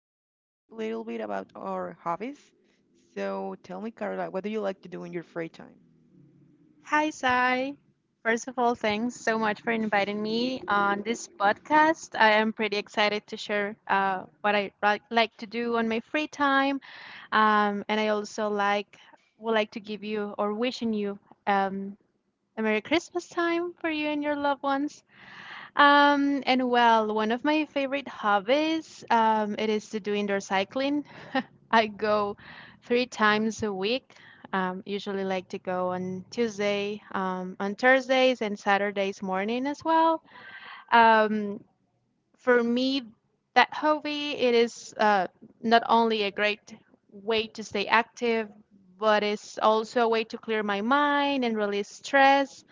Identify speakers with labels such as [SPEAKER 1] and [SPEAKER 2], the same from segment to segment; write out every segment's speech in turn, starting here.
[SPEAKER 1] gonna talk a little bit about our hobbies. So tell me, Carla, what do you like to do in your free time?
[SPEAKER 2] Hi, Sai. First of all, thanks so much for inviting me on this podcast. I am pretty excited to share what I like to do on my free time, and I also like would like to give you or wishing you um, a Merry Christmas time for you and your loved ones. One of my favorite hobbies, it is to do indoor cycling. I go three times a week. Usually like to go on Tuesday, on Thursdays and Saturdays morning as well. Um, for me, that hobby, it is not only a great way to stay active, but it's also a way to clear my mind and release stress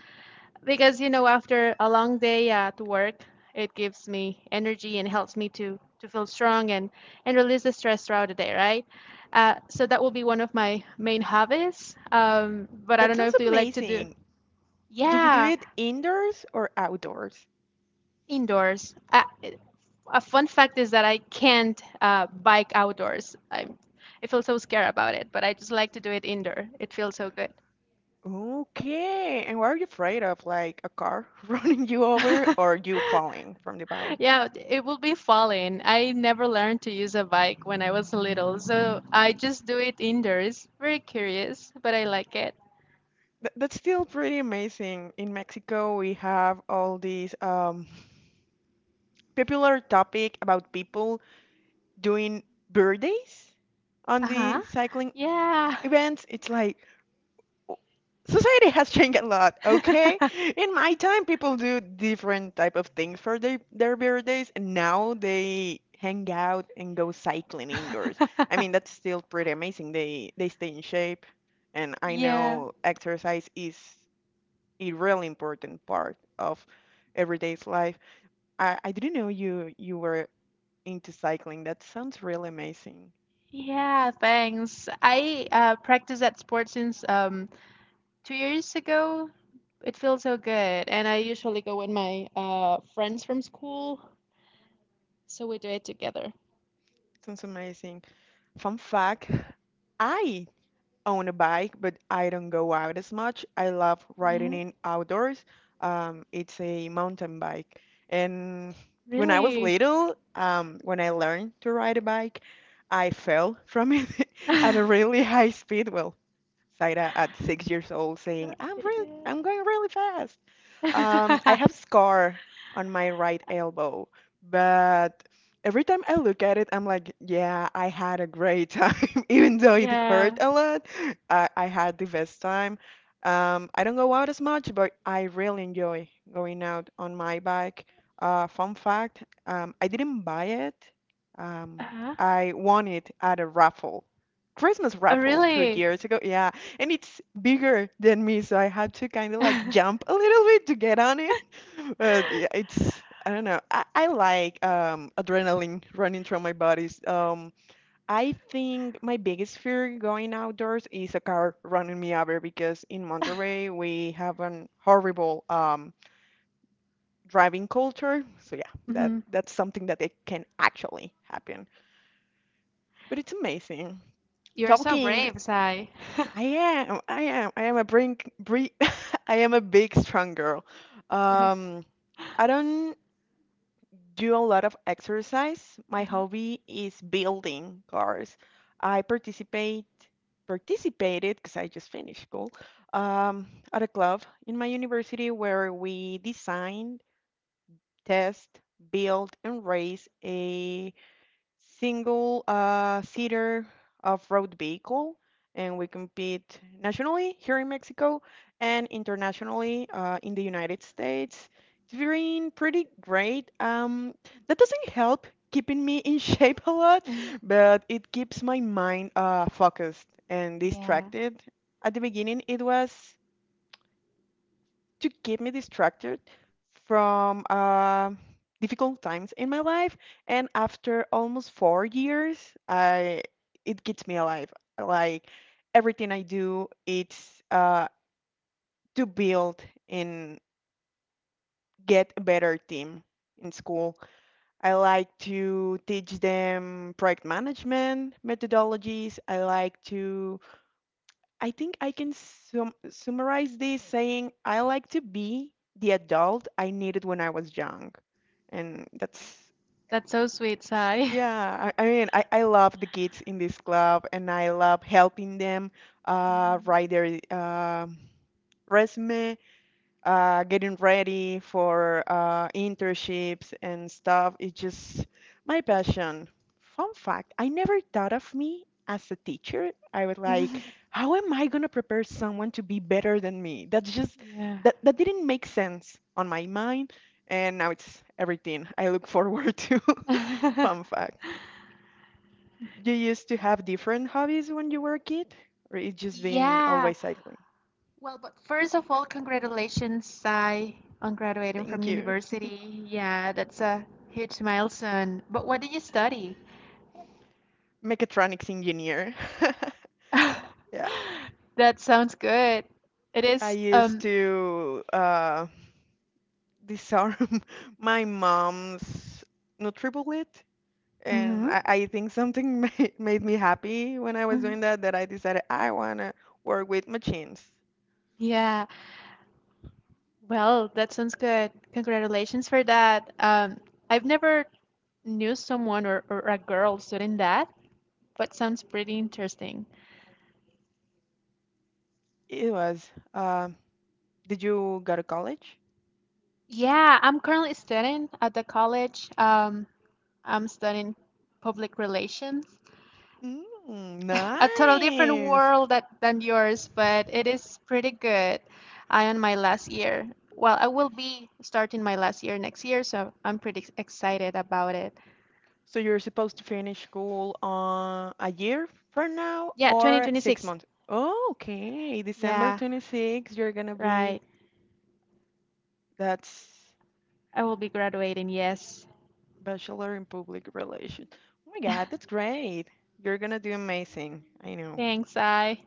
[SPEAKER 2] because, you know, after a long day at work, it gives me energy and helps me to feel strong and release the stress throughout the day, right? So that will be one of my main hobbies. But I
[SPEAKER 1] That
[SPEAKER 2] don't know
[SPEAKER 1] sounds
[SPEAKER 2] if you like to do.
[SPEAKER 1] amazing. Do you do
[SPEAKER 2] Yeah,
[SPEAKER 1] it indoors or outdoors?
[SPEAKER 2] indoors. A fun fact is that I can't bike outdoors. I feel so scared about it, but I just like to do it indoor. It feels so good.
[SPEAKER 1] Okay, and what are you afraid of? Like a car running you over or you falling from the bike?
[SPEAKER 2] Yeah, it will be falling. I never learned to use a bike when I was little, so I just do it indoors. Very curious, but I like it.
[SPEAKER 1] Th that's still pretty amazing. In Mexico, we have all these popular topic about people doing birthdays on
[SPEAKER 2] Uh-huh.
[SPEAKER 1] the cycling
[SPEAKER 2] Yeah.
[SPEAKER 1] events. It's like society has changed a lot, okay? In my time, people do different type of things for their birthdays, and now they hang out and go cycling indoors. I mean, that's still pretty amazing. They stay in shape, and I
[SPEAKER 2] Yeah.
[SPEAKER 1] know exercise is a really important part of everyday's life. I didn't know you were into cycling. That sounds really amazing.
[SPEAKER 2] Yeah, thanks. I practiced that sport since 2 years ago. It feels so good, and I usually go with my friends from school, so we do it together.
[SPEAKER 1] Sounds amazing. Fun fact, I own a bike, but I don't go out as much. I love riding
[SPEAKER 2] Mhm.
[SPEAKER 1] in outdoors. It's a mountain bike. And when I was
[SPEAKER 2] Really?
[SPEAKER 1] little, when I learned to ride a bike, I fell from it at a really high speed. Well, Saida at 6 years old saying, I'm really, I'm going really fast. I
[SPEAKER 2] Yeah.
[SPEAKER 1] have scar on my right elbow, but every time I look at it, I'm like, yeah, I had a great time, even though it
[SPEAKER 2] Yeah.
[SPEAKER 1] hurt a lot. I had the best time. I don't go out as much, but I really enjoy going out on my bike. Fun fact, I didn't buy it. Um,
[SPEAKER 2] Uh-huh.
[SPEAKER 1] I won it at a raffle, Christmas
[SPEAKER 2] Oh,
[SPEAKER 1] raffle two
[SPEAKER 2] really?
[SPEAKER 1] years ago. Yeah, and it's bigger than me, so I had to kind of like jump a little bit to get on it. Yeah, it's I don't know. I like adrenaline running through my bodies. I think my biggest fear going outdoors is a car running me over because in Monterey we have an horrible driving culture. So yeah, that
[SPEAKER 2] hmm
[SPEAKER 1] that's something that it can actually happen. But it's amazing.
[SPEAKER 2] You're so
[SPEAKER 1] Talking,
[SPEAKER 2] brave, Sai.
[SPEAKER 1] I am a brink, bre I am a big strong girl.
[SPEAKER 2] Yeah.
[SPEAKER 1] Um, I don't do a lot of exercise. My
[SPEAKER 2] Mhm.
[SPEAKER 1] hobby is building cars. I participated because I just finished school at a club in my university where we designed, test, build, and race a single seater off-road vehicle, and we compete nationally here in Mexico and internationally in the United States. It's been pretty great. That doesn't help keeping me in shape a lot, but it keeps my mind focused and
[SPEAKER 2] Yeah.
[SPEAKER 1] distracted. At the beginning, it was to keep me distracted from difficult times in my life. And after almost 4 years, I it gets me alive. Like everything I do, it's to build and get a better team in school. I like to teach them project management methodologies. I like to I think I can summarize this saying I like to be the adult I needed when I was young. And
[SPEAKER 2] That's so sweet, Sai.
[SPEAKER 1] yeah, I mean, I love the kids in this club and I love helping them
[SPEAKER 2] Mhm.
[SPEAKER 1] write their resume getting ready for internships and stuff. It's just my passion. Fun fact, I never thought of me as a teacher. I was like, how am I going to prepare someone to be better than me? That's just,
[SPEAKER 2] Yeah.
[SPEAKER 1] that didn't make sense on my mind. And now it's everything I look forward to. Fun fact. You used to have different hobbies when you were a kid, or it's just been
[SPEAKER 2] Yeah.
[SPEAKER 1] always cycling?
[SPEAKER 2] Well, but first of all, congratulations, Sai, on graduating from
[SPEAKER 1] Thank you.
[SPEAKER 2] university. Yeah, that's a huge milestone. But what did you study?
[SPEAKER 1] Mechatronics engineer. Yeah.
[SPEAKER 2] That sounds good. It
[SPEAKER 1] I
[SPEAKER 2] is,
[SPEAKER 1] used
[SPEAKER 2] um,
[SPEAKER 1] to disarm my mom's NutriBullet, and
[SPEAKER 2] mhm,
[SPEAKER 1] I think something ma made me happy when I was doing
[SPEAKER 2] mhm.
[SPEAKER 1] that, that I decided I wanna work with machines.
[SPEAKER 2] Yeah. Well, that sounds good. Congratulations for that. I've never knew someone or a girl studying that, but sounds pretty interesting.
[SPEAKER 1] It was, uh, did you go to college?
[SPEAKER 2] Yeah, I'm currently studying at the college. I'm studying public relations.
[SPEAKER 1] Mm,
[SPEAKER 2] A total different
[SPEAKER 1] nice.
[SPEAKER 2] world that, than yours, but it is pretty good. I am my last year. Well, I will be starting my last year next year, so I'm excited about it.
[SPEAKER 1] So you're supposed to finish school on a year from now
[SPEAKER 2] Yeah,
[SPEAKER 1] or six
[SPEAKER 2] 2026.
[SPEAKER 1] months? Oh, okay, December
[SPEAKER 2] Yeah,
[SPEAKER 1] 26, you're gonna be,
[SPEAKER 2] right.
[SPEAKER 1] that's
[SPEAKER 2] I will be graduating, yes.
[SPEAKER 1] Bachelor in Public Relations. Oh my God, that's great. You're gonna do amazing. I know.
[SPEAKER 2] Thanks, I.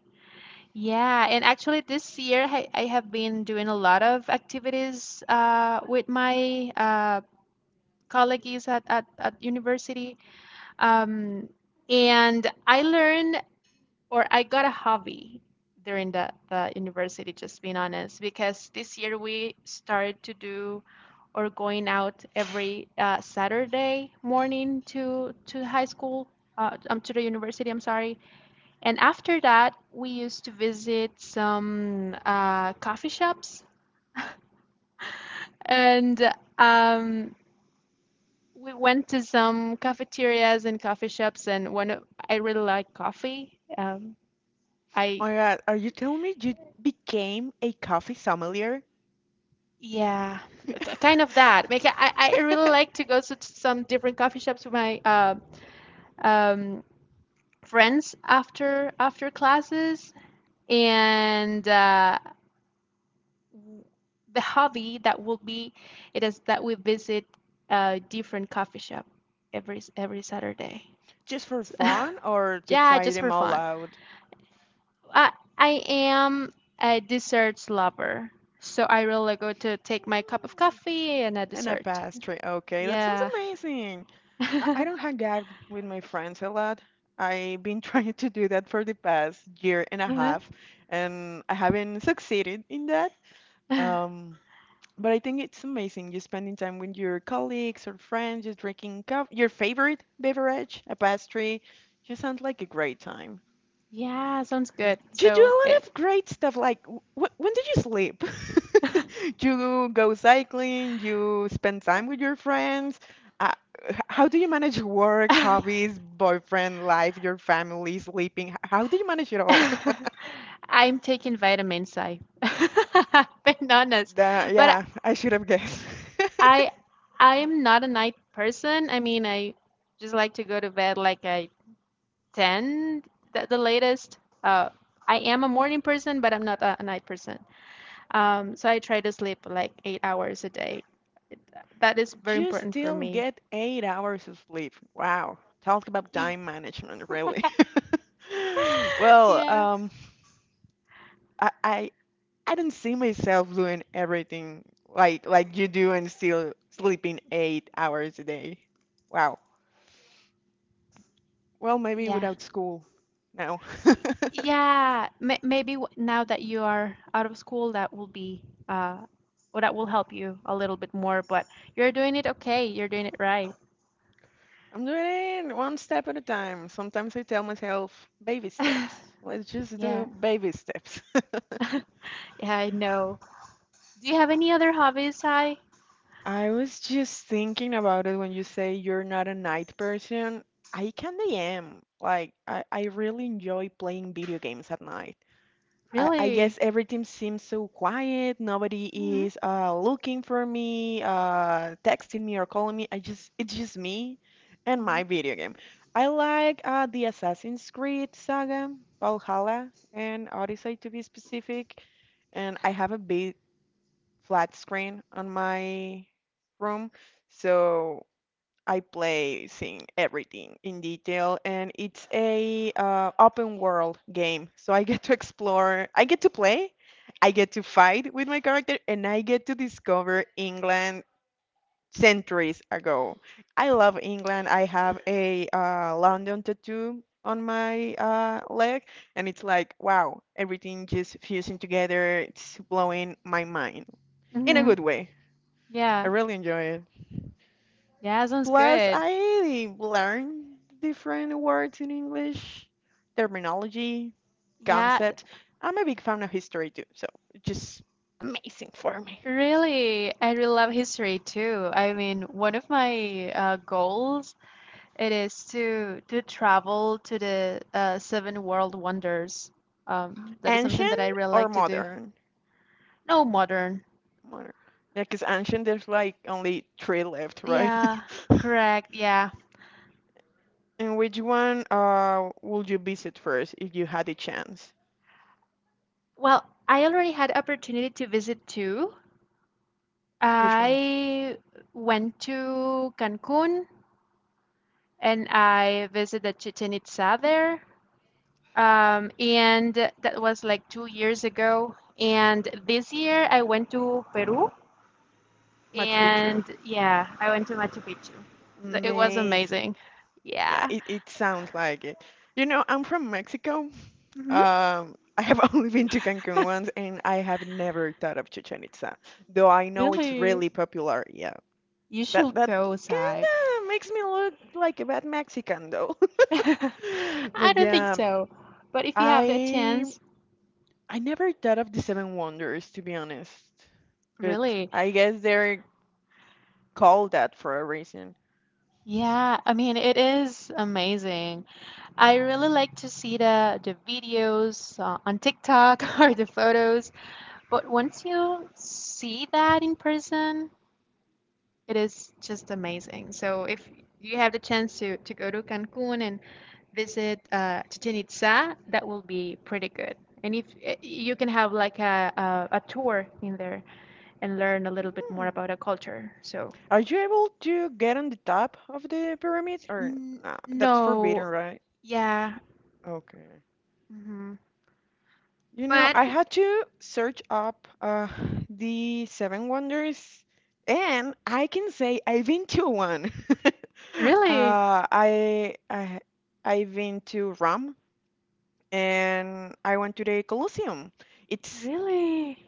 [SPEAKER 2] Yeah, and actually this year I have been doing a lot of activities with my colleagues at university. Um, and I learned or I got a hobby during the university, just being honest, because this year we started to do or going out every Saturday morning to high school, to the university, I'm sorry. And after that, we used to visit some coffee shops and um, we went to some cafeterias and coffee shops. I really like coffee. I,
[SPEAKER 1] Oh my God, are you telling me you became a coffee sommelier
[SPEAKER 2] yeah, k- kind of that. Like, I really like to go to some different coffee shops with my um, friends after classes. And The hobby that will be it is that we visit a different coffee shop every Saturday.
[SPEAKER 1] just for
[SPEAKER 2] So,
[SPEAKER 1] fun or to
[SPEAKER 2] yeah,
[SPEAKER 1] try
[SPEAKER 2] just
[SPEAKER 1] them
[SPEAKER 2] for
[SPEAKER 1] all
[SPEAKER 2] fun.
[SPEAKER 1] out?
[SPEAKER 2] I I am a desserts lover, so I really go to take my cup of
[SPEAKER 1] Mm,
[SPEAKER 2] coffee and a
[SPEAKER 1] and a
[SPEAKER 2] dessert.
[SPEAKER 1] pastry. Okay, that sounds
[SPEAKER 2] Yeah.
[SPEAKER 1] amazing. I don't hang out with my friends a lot. I've been trying to do that for the past year and a
[SPEAKER 2] Uh-huh.
[SPEAKER 1] half, and I haven't succeeded in that. Um. But I think it's amazing you spending time with your colleagues or friends, just drinking coffee, your favorite beverage, a pastry. You sounds like a great time.
[SPEAKER 2] Yeah, sounds good.
[SPEAKER 1] You do
[SPEAKER 2] So
[SPEAKER 1] a
[SPEAKER 2] it
[SPEAKER 1] lot of great stuff. Like, when do you sleep? You go cycling, you spend time with your friends. Uh, how do you manage work, hobbies, boyfriend, life, your family, sleeping? How do you manage it all?
[SPEAKER 2] I'm taking vitamins, I being honest. But
[SPEAKER 1] Yeah, I should have guessed.
[SPEAKER 2] I I am not a night person. I mean, I just like to go to bed like at 10 the latest. I am a morning person, but I'm not a night person. So I try to sleep like 8 hours a day. That is very
[SPEAKER 1] You
[SPEAKER 2] important for
[SPEAKER 1] still
[SPEAKER 2] me.
[SPEAKER 1] get 8 hours of sleep. Wow. Talk about time management, really. Well,
[SPEAKER 2] Yeah.
[SPEAKER 1] I, I I don't see myself doing everything like you do and still sleeping 8 hours a day. Wow. Well, maybe
[SPEAKER 2] Yeah.
[SPEAKER 1] without school. No.
[SPEAKER 2] Now that you are out of school, that will be uh, well, that will help you a little bit more, but you're doing it okay. You're doing it right.
[SPEAKER 1] I'm doing it one step at a time. Sometimes I tell myself baby steps. Let's just do
[SPEAKER 2] Yeah.
[SPEAKER 1] baby steps.
[SPEAKER 2] Yeah, I know. Do you have any other hobbies, Ty?
[SPEAKER 1] I was just thinking about it when you say you're not a night person. I kinda am. Like, I really enjoy playing video games at night. I guess
[SPEAKER 2] Really?
[SPEAKER 1] everything seems so quiet. Nobody
[SPEAKER 2] Hmm.
[SPEAKER 1] is looking for me, texting me or calling me. I just it's just me and
[SPEAKER 2] Hmm.
[SPEAKER 1] my video game. I like the Assassin's Creed saga, Valhalla, and Odyssey to be specific. And I have a flat screen on my room, so I play seeing everything in detail, and it's a open world game. So I get to explore, I get to play, I get to fight with my character, and I get to discover England centuries ago. I love England. I have a London tattoo on my leg, and it's like wow, everything just fusing together. It's blowing my mind in a
[SPEAKER 2] Hmm.
[SPEAKER 1] good way. I
[SPEAKER 2] Yeah.
[SPEAKER 1] really enjoy it.
[SPEAKER 2] Yeah, sounds
[SPEAKER 1] Plus,
[SPEAKER 2] good.
[SPEAKER 1] I learn different words in English, terminology,
[SPEAKER 2] Yeah, th-
[SPEAKER 1] concept. I'm a big fan of history too, so it's just amazing for me.
[SPEAKER 2] Really. I really love history too. I mean, one of my goals it is to travel to the seven world wonders. That is
[SPEAKER 1] Ancient
[SPEAKER 2] something that I really
[SPEAKER 1] or
[SPEAKER 2] like to do.
[SPEAKER 1] modern?
[SPEAKER 2] No modern.
[SPEAKER 1] Modern. Yeah, because ancient, there's like only three left, right?
[SPEAKER 2] Yeah, correct. Yeah.
[SPEAKER 1] And which one would you visit first if you had a chance?
[SPEAKER 2] Well, I already had opportunity to visit two.
[SPEAKER 1] Which one's
[SPEAKER 2] I went to Cancun and I visited Chichen Itza there. And that was like 2 years ago. And this year I went to Peru,
[SPEAKER 1] Machu
[SPEAKER 2] and
[SPEAKER 1] Picchu.
[SPEAKER 2] yeah, I went to Machu Picchu. It was
[SPEAKER 1] Amazing.
[SPEAKER 2] amazing.
[SPEAKER 1] Yeah,
[SPEAKER 2] Yeah.
[SPEAKER 1] it sounds like it. You know, I'm from Mexico.
[SPEAKER 2] Hmm.
[SPEAKER 1] I have only been to Cancun once, and I have never thought of Chichen Itza, though I know it's
[SPEAKER 2] Really?
[SPEAKER 1] really popular. Yeah,
[SPEAKER 2] You
[SPEAKER 1] that
[SPEAKER 2] should
[SPEAKER 1] that
[SPEAKER 2] go, Sai.
[SPEAKER 1] kinda makes me look like a bad Mexican, though.
[SPEAKER 2] I
[SPEAKER 1] But
[SPEAKER 2] don't think
[SPEAKER 1] yeah,
[SPEAKER 2] so. But if you have the
[SPEAKER 1] I
[SPEAKER 2] chance,
[SPEAKER 1] I never thought of the Seven Wonders, to be honest. But
[SPEAKER 2] really,
[SPEAKER 1] I guess they're called that for a reason.
[SPEAKER 2] yeah, I mean, it is amazing. I really like to see the videos on TikTok or the photos, but once you see that in person, it is just amazing. So if you have the chance to go to Cancun and visit Chichen Itza, that will be pretty good. And if you can have like a tour in there and learn a little bit more
[SPEAKER 1] Hmm.
[SPEAKER 2] about a culture. So
[SPEAKER 1] Are you able to get on the top of the pyramid,
[SPEAKER 2] n
[SPEAKER 1] or nah?
[SPEAKER 2] no,
[SPEAKER 1] That's forbidden, right?
[SPEAKER 2] yeah,
[SPEAKER 1] Okay.
[SPEAKER 2] mhm.
[SPEAKER 1] You know,
[SPEAKER 2] But
[SPEAKER 1] I had to search up the Seven Wonders, and I can say I've been to one. uh,
[SPEAKER 2] really,
[SPEAKER 1] I, I I've been to Rome, and I went to the Colosseum. It's
[SPEAKER 2] really.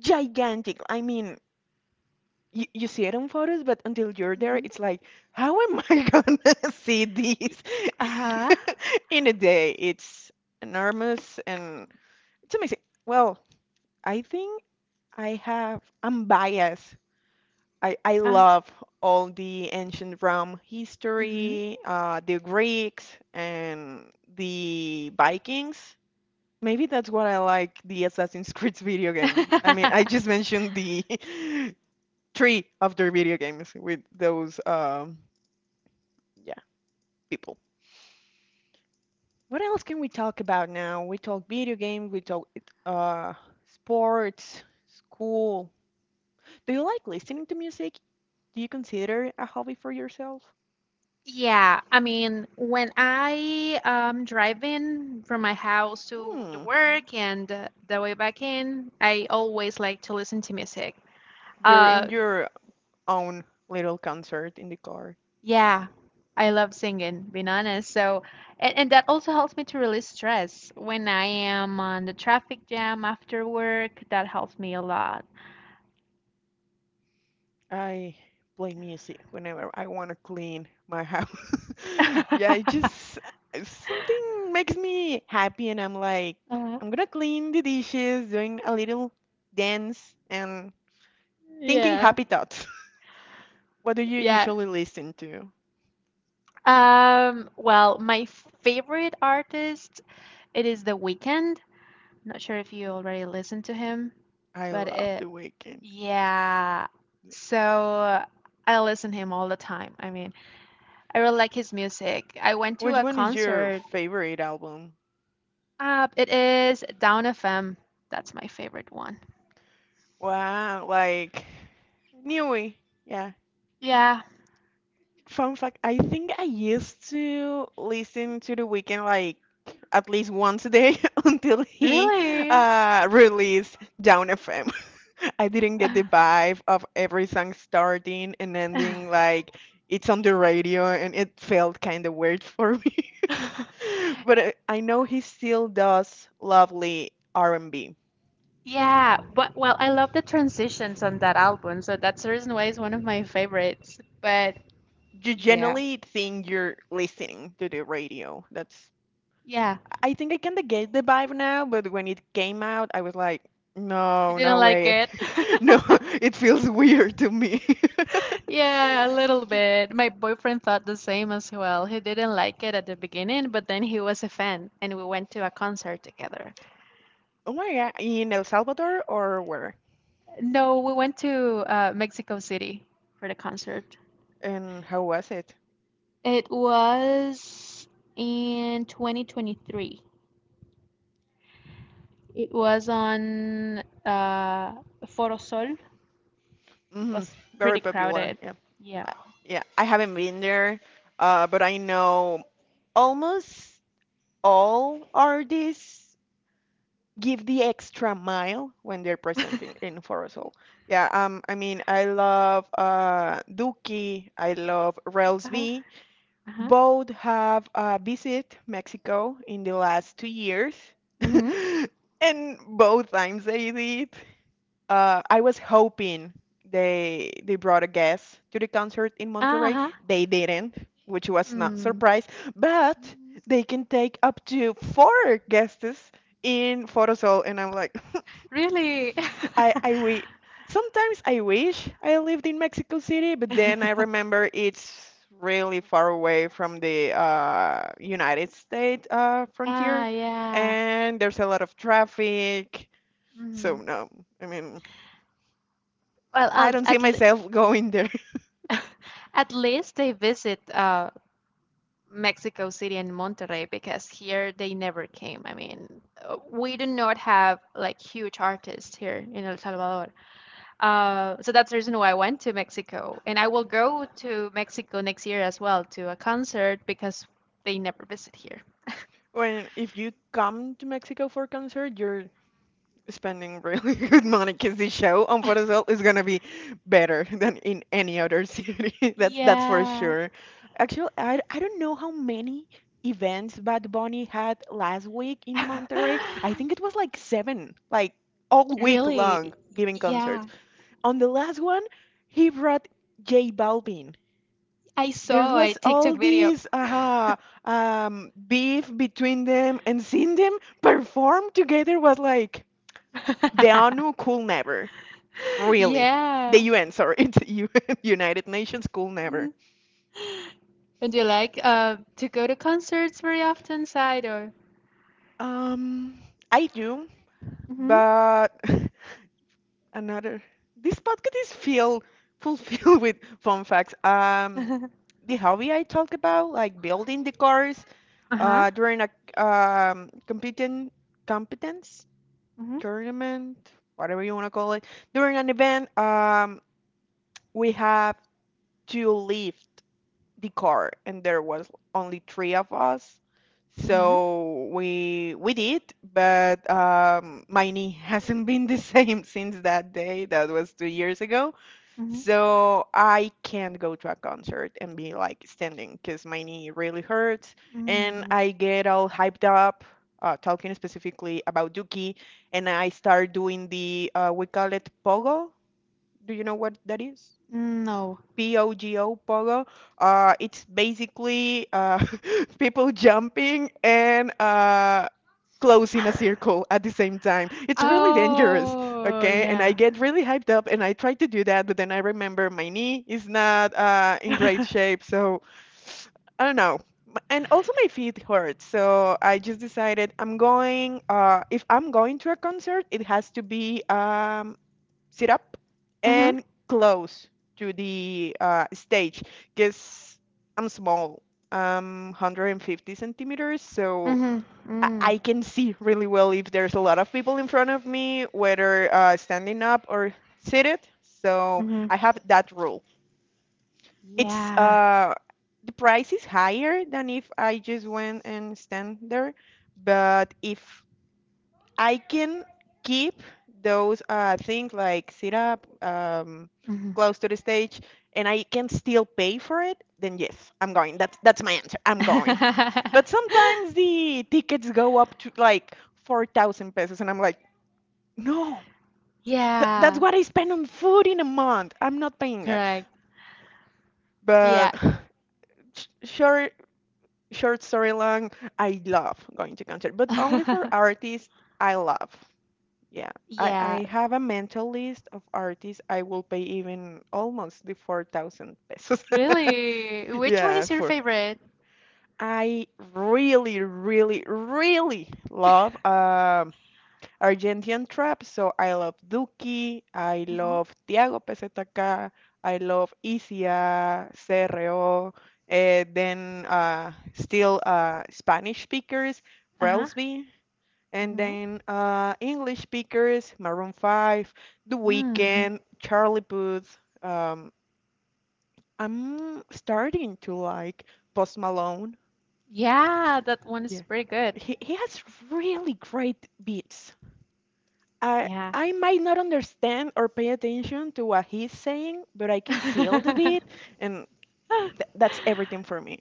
[SPEAKER 1] gigantic. I mean, you see it on photos, but until you're there,
[SPEAKER 2] Mhm.
[SPEAKER 1] it's like, how am I gonna see
[SPEAKER 2] Y-
[SPEAKER 1] this
[SPEAKER 2] Uh-huh.
[SPEAKER 1] in a day? It's enormous and it's amazing. Well, I think. I have, I'm biased. I
[SPEAKER 2] Uh,
[SPEAKER 1] love all the ancient Rome
[SPEAKER 2] mhm.
[SPEAKER 1] history, the Greeks and the Vikings. Maybe that's what I like the Assassin's Creed video game. I mean, I just mentioned the three of their video games with those, yeah, people. What else can we talk about now? We talk video game, we talk uh, sports, school. Do you like listening to music? Do you consider a hobby for yourself?
[SPEAKER 2] Yeah, I mean, when I driving from my house to the
[SPEAKER 1] Hmm. Hmm.
[SPEAKER 2] work and the way back in, I always like to listen to music.
[SPEAKER 1] You're
[SPEAKER 2] Uh,
[SPEAKER 1] in your own little concert in the car.
[SPEAKER 2] yeah, I love singing, being honest. So, and that also helps me to release stress when I am on the traffic jam after work. That helps me a lot.
[SPEAKER 1] I play music whenever I want to clean my house. Yeah, it just something makes me happy, and I'm like,
[SPEAKER 2] Uh-huh.
[SPEAKER 1] I'm gonna clean the dishes, doing a little dance, and thinking
[SPEAKER 2] Yeah,
[SPEAKER 1] happy thoughts. What do you
[SPEAKER 2] yeah,
[SPEAKER 1] usually listen to?
[SPEAKER 2] Well, my favorite artist, it is The Weeknd. Not sure if you already listened to him,
[SPEAKER 1] I
[SPEAKER 2] but
[SPEAKER 1] love The Weeknd.
[SPEAKER 2] yeah. So
[SPEAKER 1] Yes.
[SPEAKER 2] I listen him all the time. I mean, I really like his music. I went
[SPEAKER 1] Which
[SPEAKER 2] to a
[SPEAKER 1] one is your
[SPEAKER 2] concert.
[SPEAKER 1] favorite album?
[SPEAKER 2] It is Down FM. That's my favorite one.
[SPEAKER 1] Wow, like Newey. Yeah.
[SPEAKER 2] Yeah,
[SPEAKER 1] Fun fact, I think I used to listen to The Weeknd like at least once a day until he
[SPEAKER 2] really.
[SPEAKER 1] released Down FM. I didn't get the vibe of every song starting and ending like it's on the radio and it felt kind of weird for me. But I know he still does lovely R&B.
[SPEAKER 2] Yeah, but well, I love the transitions on that album, so that's the reason why it's one of my favorites.
[SPEAKER 1] You
[SPEAKER 2] Yeah,
[SPEAKER 1] generally think you're listening to the radio. That's...
[SPEAKER 2] yeah,
[SPEAKER 1] I think I can get the vibe now, but when it came out, I was like,
[SPEAKER 2] you
[SPEAKER 1] no,
[SPEAKER 2] didn't
[SPEAKER 1] no
[SPEAKER 2] like
[SPEAKER 1] way.
[SPEAKER 2] it?
[SPEAKER 1] No, it feels weird to me.
[SPEAKER 2] Yeah, a little bit. My boyfriend thought the same as well. He didn't like it at the beginning, but then he was a fan, and we went to a concert together.
[SPEAKER 1] Oh my God, in El Salvador or where?
[SPEAKER 2] No, we went to Mexico City for the concert.
[SPEAKER 1] And how was it?
[SPEAKER 2] It was in 2023. It was on Foro Sol. It
[SPEAKER 1] Hmm
[SPEAKER 2] was
[SPEAKER 1] Very
[SPEAKER 2] pretty
[SPEAKER 1] popular.
[SPEAKER 2] crowded.
[SPEAKER 1] Yeah.
[SPEAKER 2] Yeah.
[SPEAKER 1] Uh, Yeah, I haven't been there, but I know almost all artists give the extra mile when they're presenting in Forosol. Yeah, I mean, I love Duki, I love Rels
[SPEAKER 2] Uh-huh.
[SPEAKER 1] B.
[SPEAKER 2] Uh-huh.
[SPEAKER 1] Both have visit Mexico in the last 2 years,
[SPEAKER 2] Mm-hmm.
[SPEAKER 1] and both times they did I was hoping they brought a guest to the concert in Monterrey.
[SPEAKER 2] Uh-huh.
[SPEAKER 1] They didn't, which was not
[SPEAKER 2] Mm.
[SPEAKER 1] surprise, but
[SPEAKER 2] Mhm.
[SPEAKER 1] they can take up to four guests in Photosol, and I'm like,
[SPEAKER 2] Really?
[SPEAKER 1] I we sometimes I wish I lived in Mexico City, but then I remember it's really far away from the United States
[SPEAKER 2] Ah,
[SPEAKER 1] frontier,
[SPEAKER 2] yeah.
[SPEAKER 1] and there's a lot of traffic. So
[SPEAKER 2] Hmm.
[SPEAKER 1] no, I mean.
[SPEAKER 2] Well,
[SPEAKER 1] I
[SPEAKER 2] I'll,
[SPEAKER 1] don't see
[SPEAKER 2] at le
[SPEAKER 1] myself going there.
[SPEAKER 2] At least they visit Mexico City and Monterrey because here they never came. I mean, we do not have like huge artists here in El Salvador. So that's the reason why I went to Mexico, and I will go to Mexico next year as well to a concert because they never visit here.
[SPEAKER 1] When if you come to Mexico for a concert, you're spending really good money because the show on Forosol is gonna be better than in any other city. That's for
[SPEAKER 2] Yeah.
[SPEAKER 1] sure. Actually, I don't know how many events Bad Bunny had last week in Monterrey. I think it was like seven, like all week long
[SPEAKER 2] Really?
[SPEAKER 1] giving
[SPEAKER 2] Yeah.
[SPEAKER 1] concerts. On the last one, he brought J Balvin.
[SPEAKER 2] I
[SPEAKER 1] There
[SPEAKER 2] saw a
[SPEAKER 1] was
[SPEAKER 2] TikTok
[SPEAKER 1] all
[SPEAKER 2] video.
[SPEAKER 1] these beef between them, and seeing them perform together was like the ONU could never, really. The
[SPEAKER 2] Yeah.
[SPEAKER 1] UN, sorry, it's UN, United Nations could
[SPEAKER 2] Mhm.
[SPEAKER 1] never.
[SPEAKER 2] And you like to go to concerts very often, side or?
[SPEAKER 1] Um, I do,
[SPEAKER 2] Mm-hmm.
[SPEAKER 1] but another. This podcast is filled fulfilled with fun facts. The hobby I talk about, like building the cars,
[SPEAKER 2] Uh-huh.
[SPEAKER 1] during a competent competence
[SPEAKER 2] Mm-hmm.
[SPEAKER 1] tournament, whatever you want to call it, during an event, we have to lift the car, and there was only 3 of us.
[SPEAKER 2] Uh-huh.
[SPEAKER 1] So we did, but my knee hasn't been the same since that day. That was 2 years ago.
[SPEAKER 2] Mm-hmm.
[SPEAKER 1] So I can't go to a concert and be like standing because my knee really hurts
[SPEAKER 2] Mm-hmm.
[SPEAKER 1] and
[SPEAKER 2] Mm-hmm.
[SPEAKER 1] I get all hyped up, talking specifically about Duki, and I start doing the we call it pogo. Do you know what that is?
[SPEAKER 2] No.
[SPEAKER 1] POGO, pogo. It's basically people jumping and close in a circle at the same time. It's really dangerous,
[SPEAKER 2] Oh,
[SPEAKER 1] okay? And I
[SPEAKER 2] yeah.
[SPEAKER 1] get really hyped up and I try to do that, but then I remember my knee is not in great
[SPEAKER 2] Mhm.
[SPEAKER 1] shape, so I don't know. And also my feet hurt, so I just decided I'm going. If I'm going to a concert, it has to be sit up and close to the stage because I'm small. I'm 150 centimeters, so
[SPEAKER 2] Mhm.
[SPEAKER 1] I
[SPEAKER 2] Mm.
[SPEAKER 1] I can see really well if there's a lot of people in front of me, whether standing up or seated. So
[SPEAKER 2] Mhm.
[SPEAKER 1] I have that rule. It's
[SPEAKER 2] Yeah.
[SPEAKER 1] the price is higher than if I just went and stand there, but if I can keep those things like sit up
[SPEAKER 2] Mhm.
[SPEAKER 1] close to the stage and I can still pay for it, then yes, I'm going. That's my answer. I'm going. But sometimes the tickets go up to like 4,000 pesos and I'm like, no, that's
[SPEAKER 2] Yeah.
[SPEAKER 1] what I spend on food in a month. I'm not paying it.
[SPEAKER 2] Correct.
[SPEAKER 1] But
[SPEAKER 2] Yeah.
[SPEAKER 1] sh- short short story long, I love going to concert, but only for artists I love. Yeah, I
[SPEAKER 2] Yeah.
[SPEAKER 1] have a mental list of artists I will pay even almost the 4,000 pesos.
[SPEAKER 2] Really? Which one
[SPEAKER 1] Yeah,
[SPEAKER 2] is your
[SPEAKER 1] for.
[SPEAKER 2] favorite?
[SPEAKER 1] I really, really, really love Argentine trap. So I love Duki, I
[SPEAKER 2] Mhm.
[SPEAKER 1] love Tiago PZK, I love Isia, CRO, then still Spanish speakers,
[SPEAKER 2] Uh-huh.
[SPEAKER 1] Relsby. And
[SPEAKER 2] Mhm.
[SPEAKER 1] then English speakers, Maroon 5, The
[SPEAKER 2] Mm.
[SPEAKER 1] Weeknd, Charlie Puth. Um, I'm starting to like Post Malone.
[SPEAKER 2] Yeah, that one is
[SPEAKER 1] Yeah,
[SPEAKER 2] pretty good.
[SPEAKER 1] he has really great beats. I
[SPEAKER 2] Yeah.
[SPEAKER 1] I might not understand or pay attention to what he's saying, but I can feel the beat, and th that's everything for me.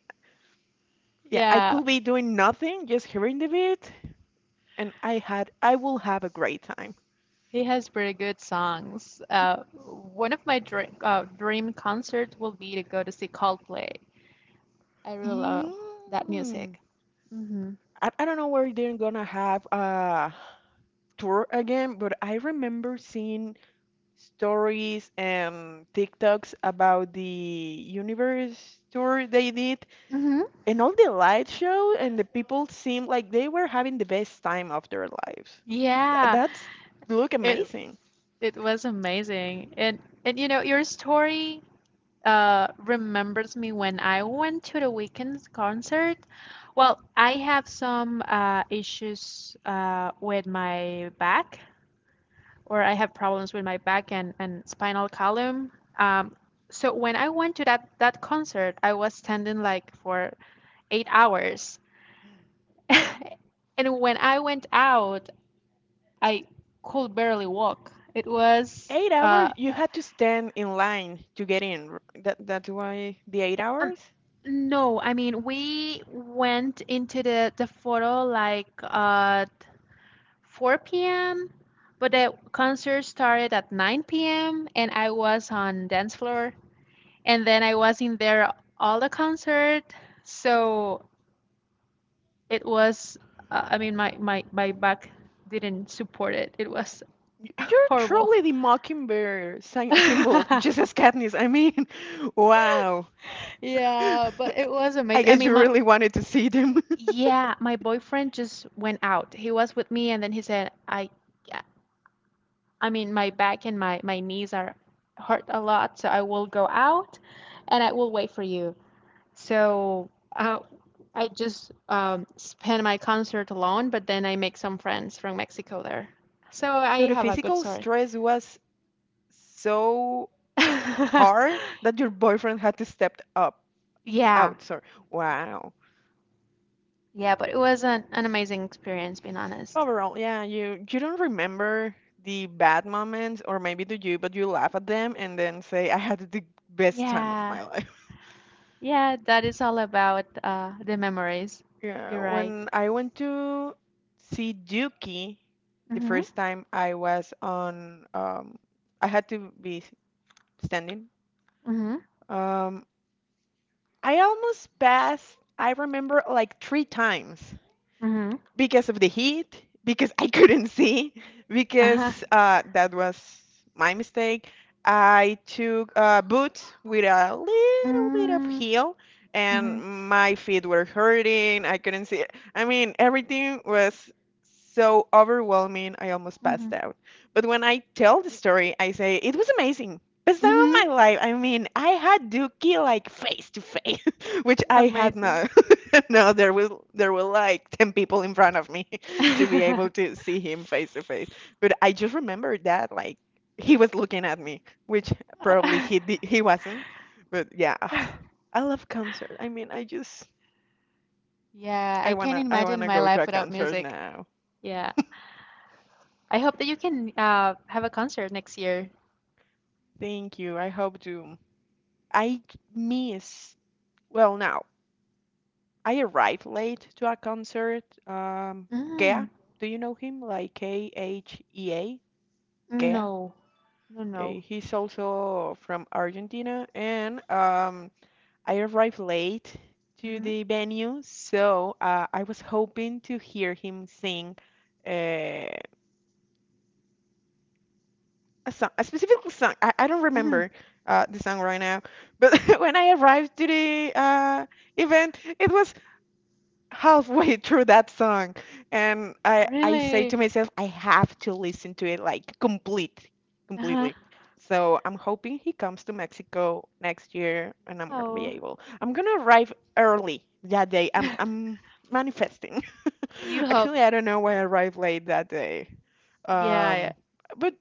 [SPEAKER 1] Yeah, I
[SPEAKER 2] Yeah,
[SPEAKER 1] could be doing nothing, just hearing the beat, and I will have a great time.
[SPEAKER 2] he has pretty good songs. One of my dream concert will be to go to see Coldplay. I really love that
[SPEAKER 1] Mm.
[SPEAKER 2] music. Hmm.
[SPEAKER 1] I don't know where they're gonna have a tour again, but I remember seeing stories and TikToks about the universe tour they did,
[SPEAKER 2] Mm-hmm.
[SPEAKER 1] and all the light show, and the people seemed like they were having the best time of their lives.
[SPEAKER 2] Yeah,
[SPEAKER 1] That's look
[SPEAKER 2] it
[SPEAKER 1] amazing.
[SPEAKER 2] it was amazing. And you know, your story remembers me when I went to the Weekends concert. Well, I have some issues with my back or I have problems with my back and spinal column. Um so when I went to that concert, I was standing like for 8 hours. And when I went out, I could barely walk. It was
[SPEAKER 1] 8 hours, you had to stand in line to get in. That's why the eight
[SPEAKER 2] Um,
[SPEAKER 1] hours.
[SPEAKER 2] no, I mean we went into the photo like 4 p.m. but the concert started at 9 p.m. and I was on dance floor and then I was in there all the concert. So it was I mean my back didn't support it. It was
[SPEAKER 1] You're
[SPEAKER 2] horrible.
[SPEAKER 1] truly the Mockingbird symbol, just as Katniss. I mean, wow.
[SPEAKER 2] Yeah, but it was
[SPEAKER 1] I
[SPEAKER 2] amazing.
[SPEAKER 1] guess you really wanted to see them.
[SPEAKER 2] Yeah, my boyfriend just went out. He was with me and then he said, I yeah, I mean my back and my knees are hurt a lot, so I will go out and I will wait for you. So, uh, I just spend my concert alone, but then I make some friends from Mexico there. So I
[SPEAKER 1] So the
[SPEAKER 2] have a good
[SPEAKER 1] physical
[SPEAKER 2] story.
[SPEAKER 1] stress was so hard that your boyfriend had to step up
[SPEAKER 2] Yeah.
[SPEAKER 1] out. So wow.
[SPEAKER 2] Yeah, but it was an amazing experience, being honest.
[SPEAKER 1] Overall, yeah, you don't remember the bad moments, or maybe do you, but you laugh at them and then say, I had the best time
[SPEAKER 2] Yeah.
[SPEAKER 1] of my life.
[SPEAKER 2] Yeah, that is all about the memories.
[SPEAKER 1] Yeah,
[SPEAKER 2] You're right.
[SPEAKER 1] when I went to see Duki the
[SPEAKER 2] Mm-hmm.
[SPEAKER 1] first time I was on I had to be standing.
[SPEAKER 2] Mm-hmm.
[SPEAKER 1] Um I almost passed, I remember, like three times
[SPEAKER 2] Mm-hmm.
[SPEAKER 1] because of the heat, because I couldn't see,
[SPEAKER 2] Uh-huh.
[SPEAKER 1] because that was my mistake. I took boots with a little bit of
[SPEAKER 2] Mm-hmm.
[SPEAKER 1] heel, and my feet were hurting. I couldn't see. I mean, everything was so overwhelming. I almost
[SPEAKER 2] Mm-hmm.
[SPEAKER 1] passed out. But when I tell the story, I say it was amazing. Best time
[SPEAKER 2] Mm-hmm.
[SPEAKER 1] of my life. I mean, I had Dookie like face to face, which I had
[SPEAKER 2] Amazing.
[SPEAKER 1] not. No, there were like 10 people in front of me to be able to see him face to face. But I just remember that like he was looking at me, which probably he wasn't. But yeah, I love concerts. I mean, I just
[SPEAKER 2] Yeah, I can't
[SPEAKER 1] I
[SPEAKER 2] imagine
[SPEAKER 1] wanna
[SPEAKER 2] my
[SPEAKER 1] go to
[SPEAKER 2] life
[SPEAKER 1] a
[SPEAKER 2] without
[SPEAKER 1] concert
[SPEAKER 2] music.
[SPEAKER 1] now.
[SPEAKER 2] Yeah. I hope that you can have a concert next year.
[SPEAKER 1] Thank you. I hope to. I miss. Well, now I arrived late to a concert.
[SPEAKER 2] Mm.
[SPEAKER 1] Kea, do you know him? Like KHEA, Kea.
[SPEAKER 2] No. No,
[SPEAKER 1] Okay,
[SPEAKER 2] no.
[SPEAKER 1] he's also from Argentina, and I arrived late to
[SPEAKER 2] Mm-hmm.
[SPEAKER 1] the venue, so I was hoping to hear him sing a song, a specific song. I don't
[SPEAKER 2] Mm-hmm.
[SPEAKER 1] remember the song right now, but when I arrived to the event, it was halfway through that song and I say
[SPEAKER 2] Really?
[SPEAKER 1] to myself I have to listen to it like
[SPEAKER 2] Uh-huh.
[SPEAKER 1] completely. So I'm hoping he comes to Mexico next year and I'm gonna be
[SPEAKER 2] Oh.
[SPEAKER 1] able. I'm gonna arrive early that day. I'm I'm manifesting.
[SPEAKER 2] You
[SPEAKER 1] Actually,
[SPEAKER 2] hope.
[SPEAKER 1] I don't know why I arrived late that day.
[SPEAKER 2] Yeah.
[SPEAKER 1] Um, but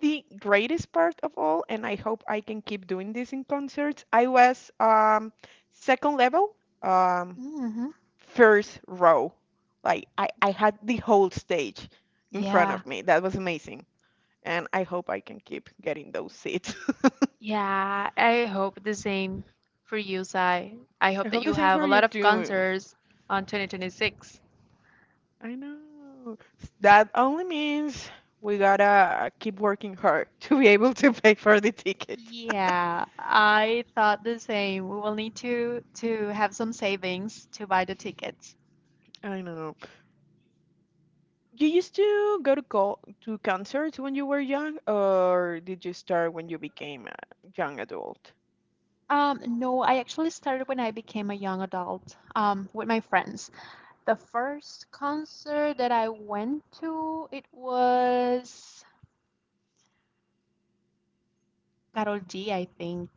[SPEAKER 1] the greatest part of all, and I hope I can keep doing this in concerts, I was second level. Um,
[SPEAKER 2] Mm-hmm.
[SPEAKER 1] First row. Like I had the whole stage in front
[SPEAKER 2] Yeah.
[SPEAKER 1] of me. That was amazing. And I hope I can keep getting those seats.
[SPEAKER 2] Yeah, I hope the same for you, Sai. I
[SPEAKER 1] I
[SPEAKER 2] hope that
[SPEAKER 1] hope the
[SPEAKER 2] you
[SPEAKER 1] same
[SPEAKER 2] have
[SPEAKER 1] for
[SPEAKER 2] a
[SPEAKER 1] you
[SPEAKER 2] lot of
[SPEAKER 1] too.
[SPEAKER 2] concerts on 2026.
[SPEAKER 1] I know. That only means we gotta keep working hard to be able to pay for the ticket.
[SPEAKER 2] Yeah, I thought the same. We will need to have some savings to buy the tickets.
[SPEAKER 1] I know. You used to go to co to concerts when you were young, or did you start when you became a young adult?
[SPEAKER 2] No, I actually started when I became a young adult, with my friends. The first concert that I went to, it was Karol G, I think.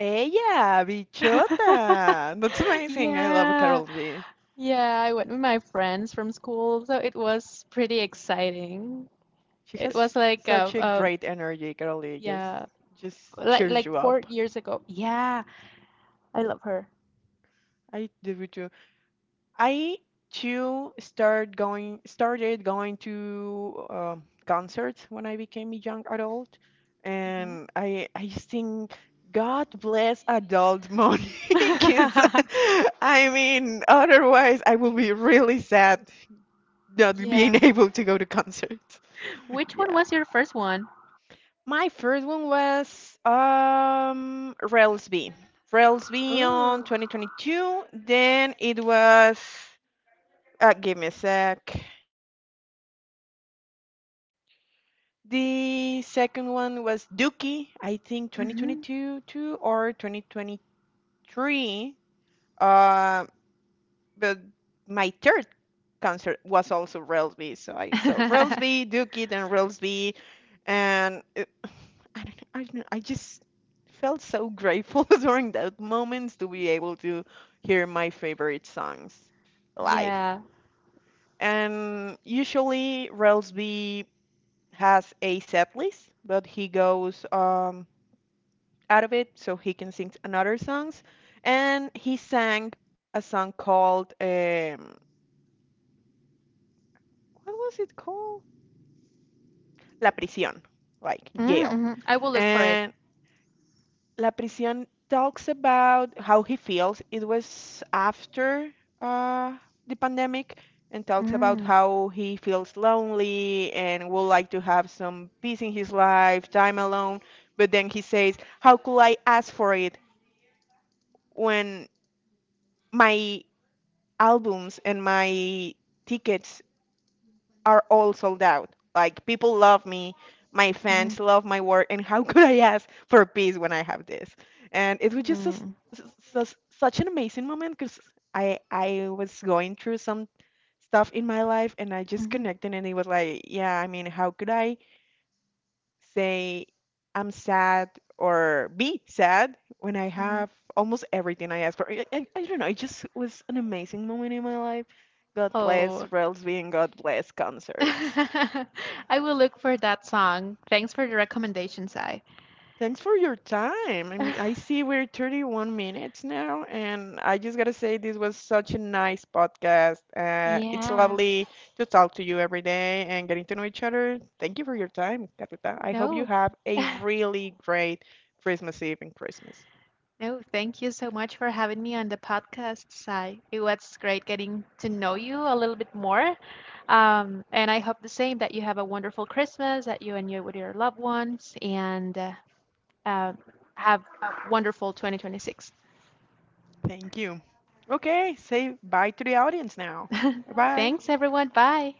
[SPEAKER 1] Ella, bichota. That's amazing. I love
[SPEAKER 2] Yeah.
[SPEAKER 1] Carol G.
[SPEAKER 2] Yeah, I went with my friends from school, so it was pretty exciting.
[SPEAKER 1] She
[SPEAKER 2] It was
[SPEAKER 1] has
[SPEAKER 2] like
[SPEAKER 1] such a great energy, Carly.
[SPEAKER 2] Yeah,
[SPEAKER 1] Just cheers
[SPEAKER 2] like
[SPEAKER 1] you
[SPEAKER 2] four
[SPEAKER 1] up.
[SPEAKER 2] years ago. Yeah, I love her.
[SPEAKER 1] I do too. I too start going started going to concerts when I became a young adult,
[SPEAKER 2] Hmm.
[SPEAKER 1] and I sing God bless adult money because I mean otherwise I will be really sad not being
[SPEAKER 2] Yeah.
[SPEAKER 1] able to go to concerts.
[SPEAKER 2] Which one
[SPEAKER 1] Yeah.
[SPEAKER 2] was your first one?
[SPEAKER 1] My first one was Railsby. Railsby on
[SPEAKER 2] Oh.
[SPEAKER 1] 2022. Then it was give me a sec. The second one was Dookie, I think
[SPEAKER 2] Hmm.
[SPEAKER 1] 2022 too, or 2023. Um but my third concert was also Railsby. So I saw Railsby, Duke It, and Railsby, and it, I don't know, I just felt so grateful during those moments to be able to hear my favorite songs live.
[SPEAKER 2] Yeah.
[SPEAKER 1] And usually Railsby has a set list, but he goes out of it so he can sing another songs. And he sang a song called what was it called? La Prisión, like jail.
[SPEAKER 2] Mm-hmm. I will look for it.
[SPEAKER 1] And La Prisión talks about how he feels. It was after uh, the pandemic and talks about
[SPEAKER 2] Mm-hmm.
[SPEAKER 1] how he feels lonely and would like to have some peace in his life, time alone. But then he says, How could I ask for it when my albums and my tickets are all sold out. Like people love me, my
[SPEAKER 2] Mm-hmm.
[SPEAKER 1] fans love my work, and how could I ask for a piece when I have this? And it was just such an amazing moment because I was going through some stuff in my life, and I just
[SPEAKER 2] Mm-hmm.
[SPEAKER 1] connected, and it was like, yeah, I mean, how could I say I'm sad or be sad when I have almost everything I ask for? I don't know. It just was an amazing moment in my life. God bless
[SPEAKER 2] Oh.
[SPEAKER 1] Railsby and God bless concerts.
[SPEAKER 2] I will look for that song. Thanks for the recommendation, Sai.
[SPEAKER 1] Thanks for your time. I mean, I see we're 31 minutes now, and I just gotta say this was such a nice podcast. It's
[SPEAKER 2] Yeah.
[SPEAKER 1] lovely to talk to you every day and getting to know each other. Thank you for your time, Carlita. I hope you
[SPEAKER 2] No.
[SPEAKER 1] have a really great Christmas Eve and Christmas.
[SPEAKER 2] No, thank you so much for having me on the podcast, Sai. It was great getting to know you a little bit more. And I hope the same that you have a wonderful Christmas, that you and you with your loved ones, and uh, have a wonderful 2026.
[SPEAKER 1] Thank you. Okay, say bye to the audience now. Bye bye.
[SPEAKER 2] Thanks, everyone. Bye.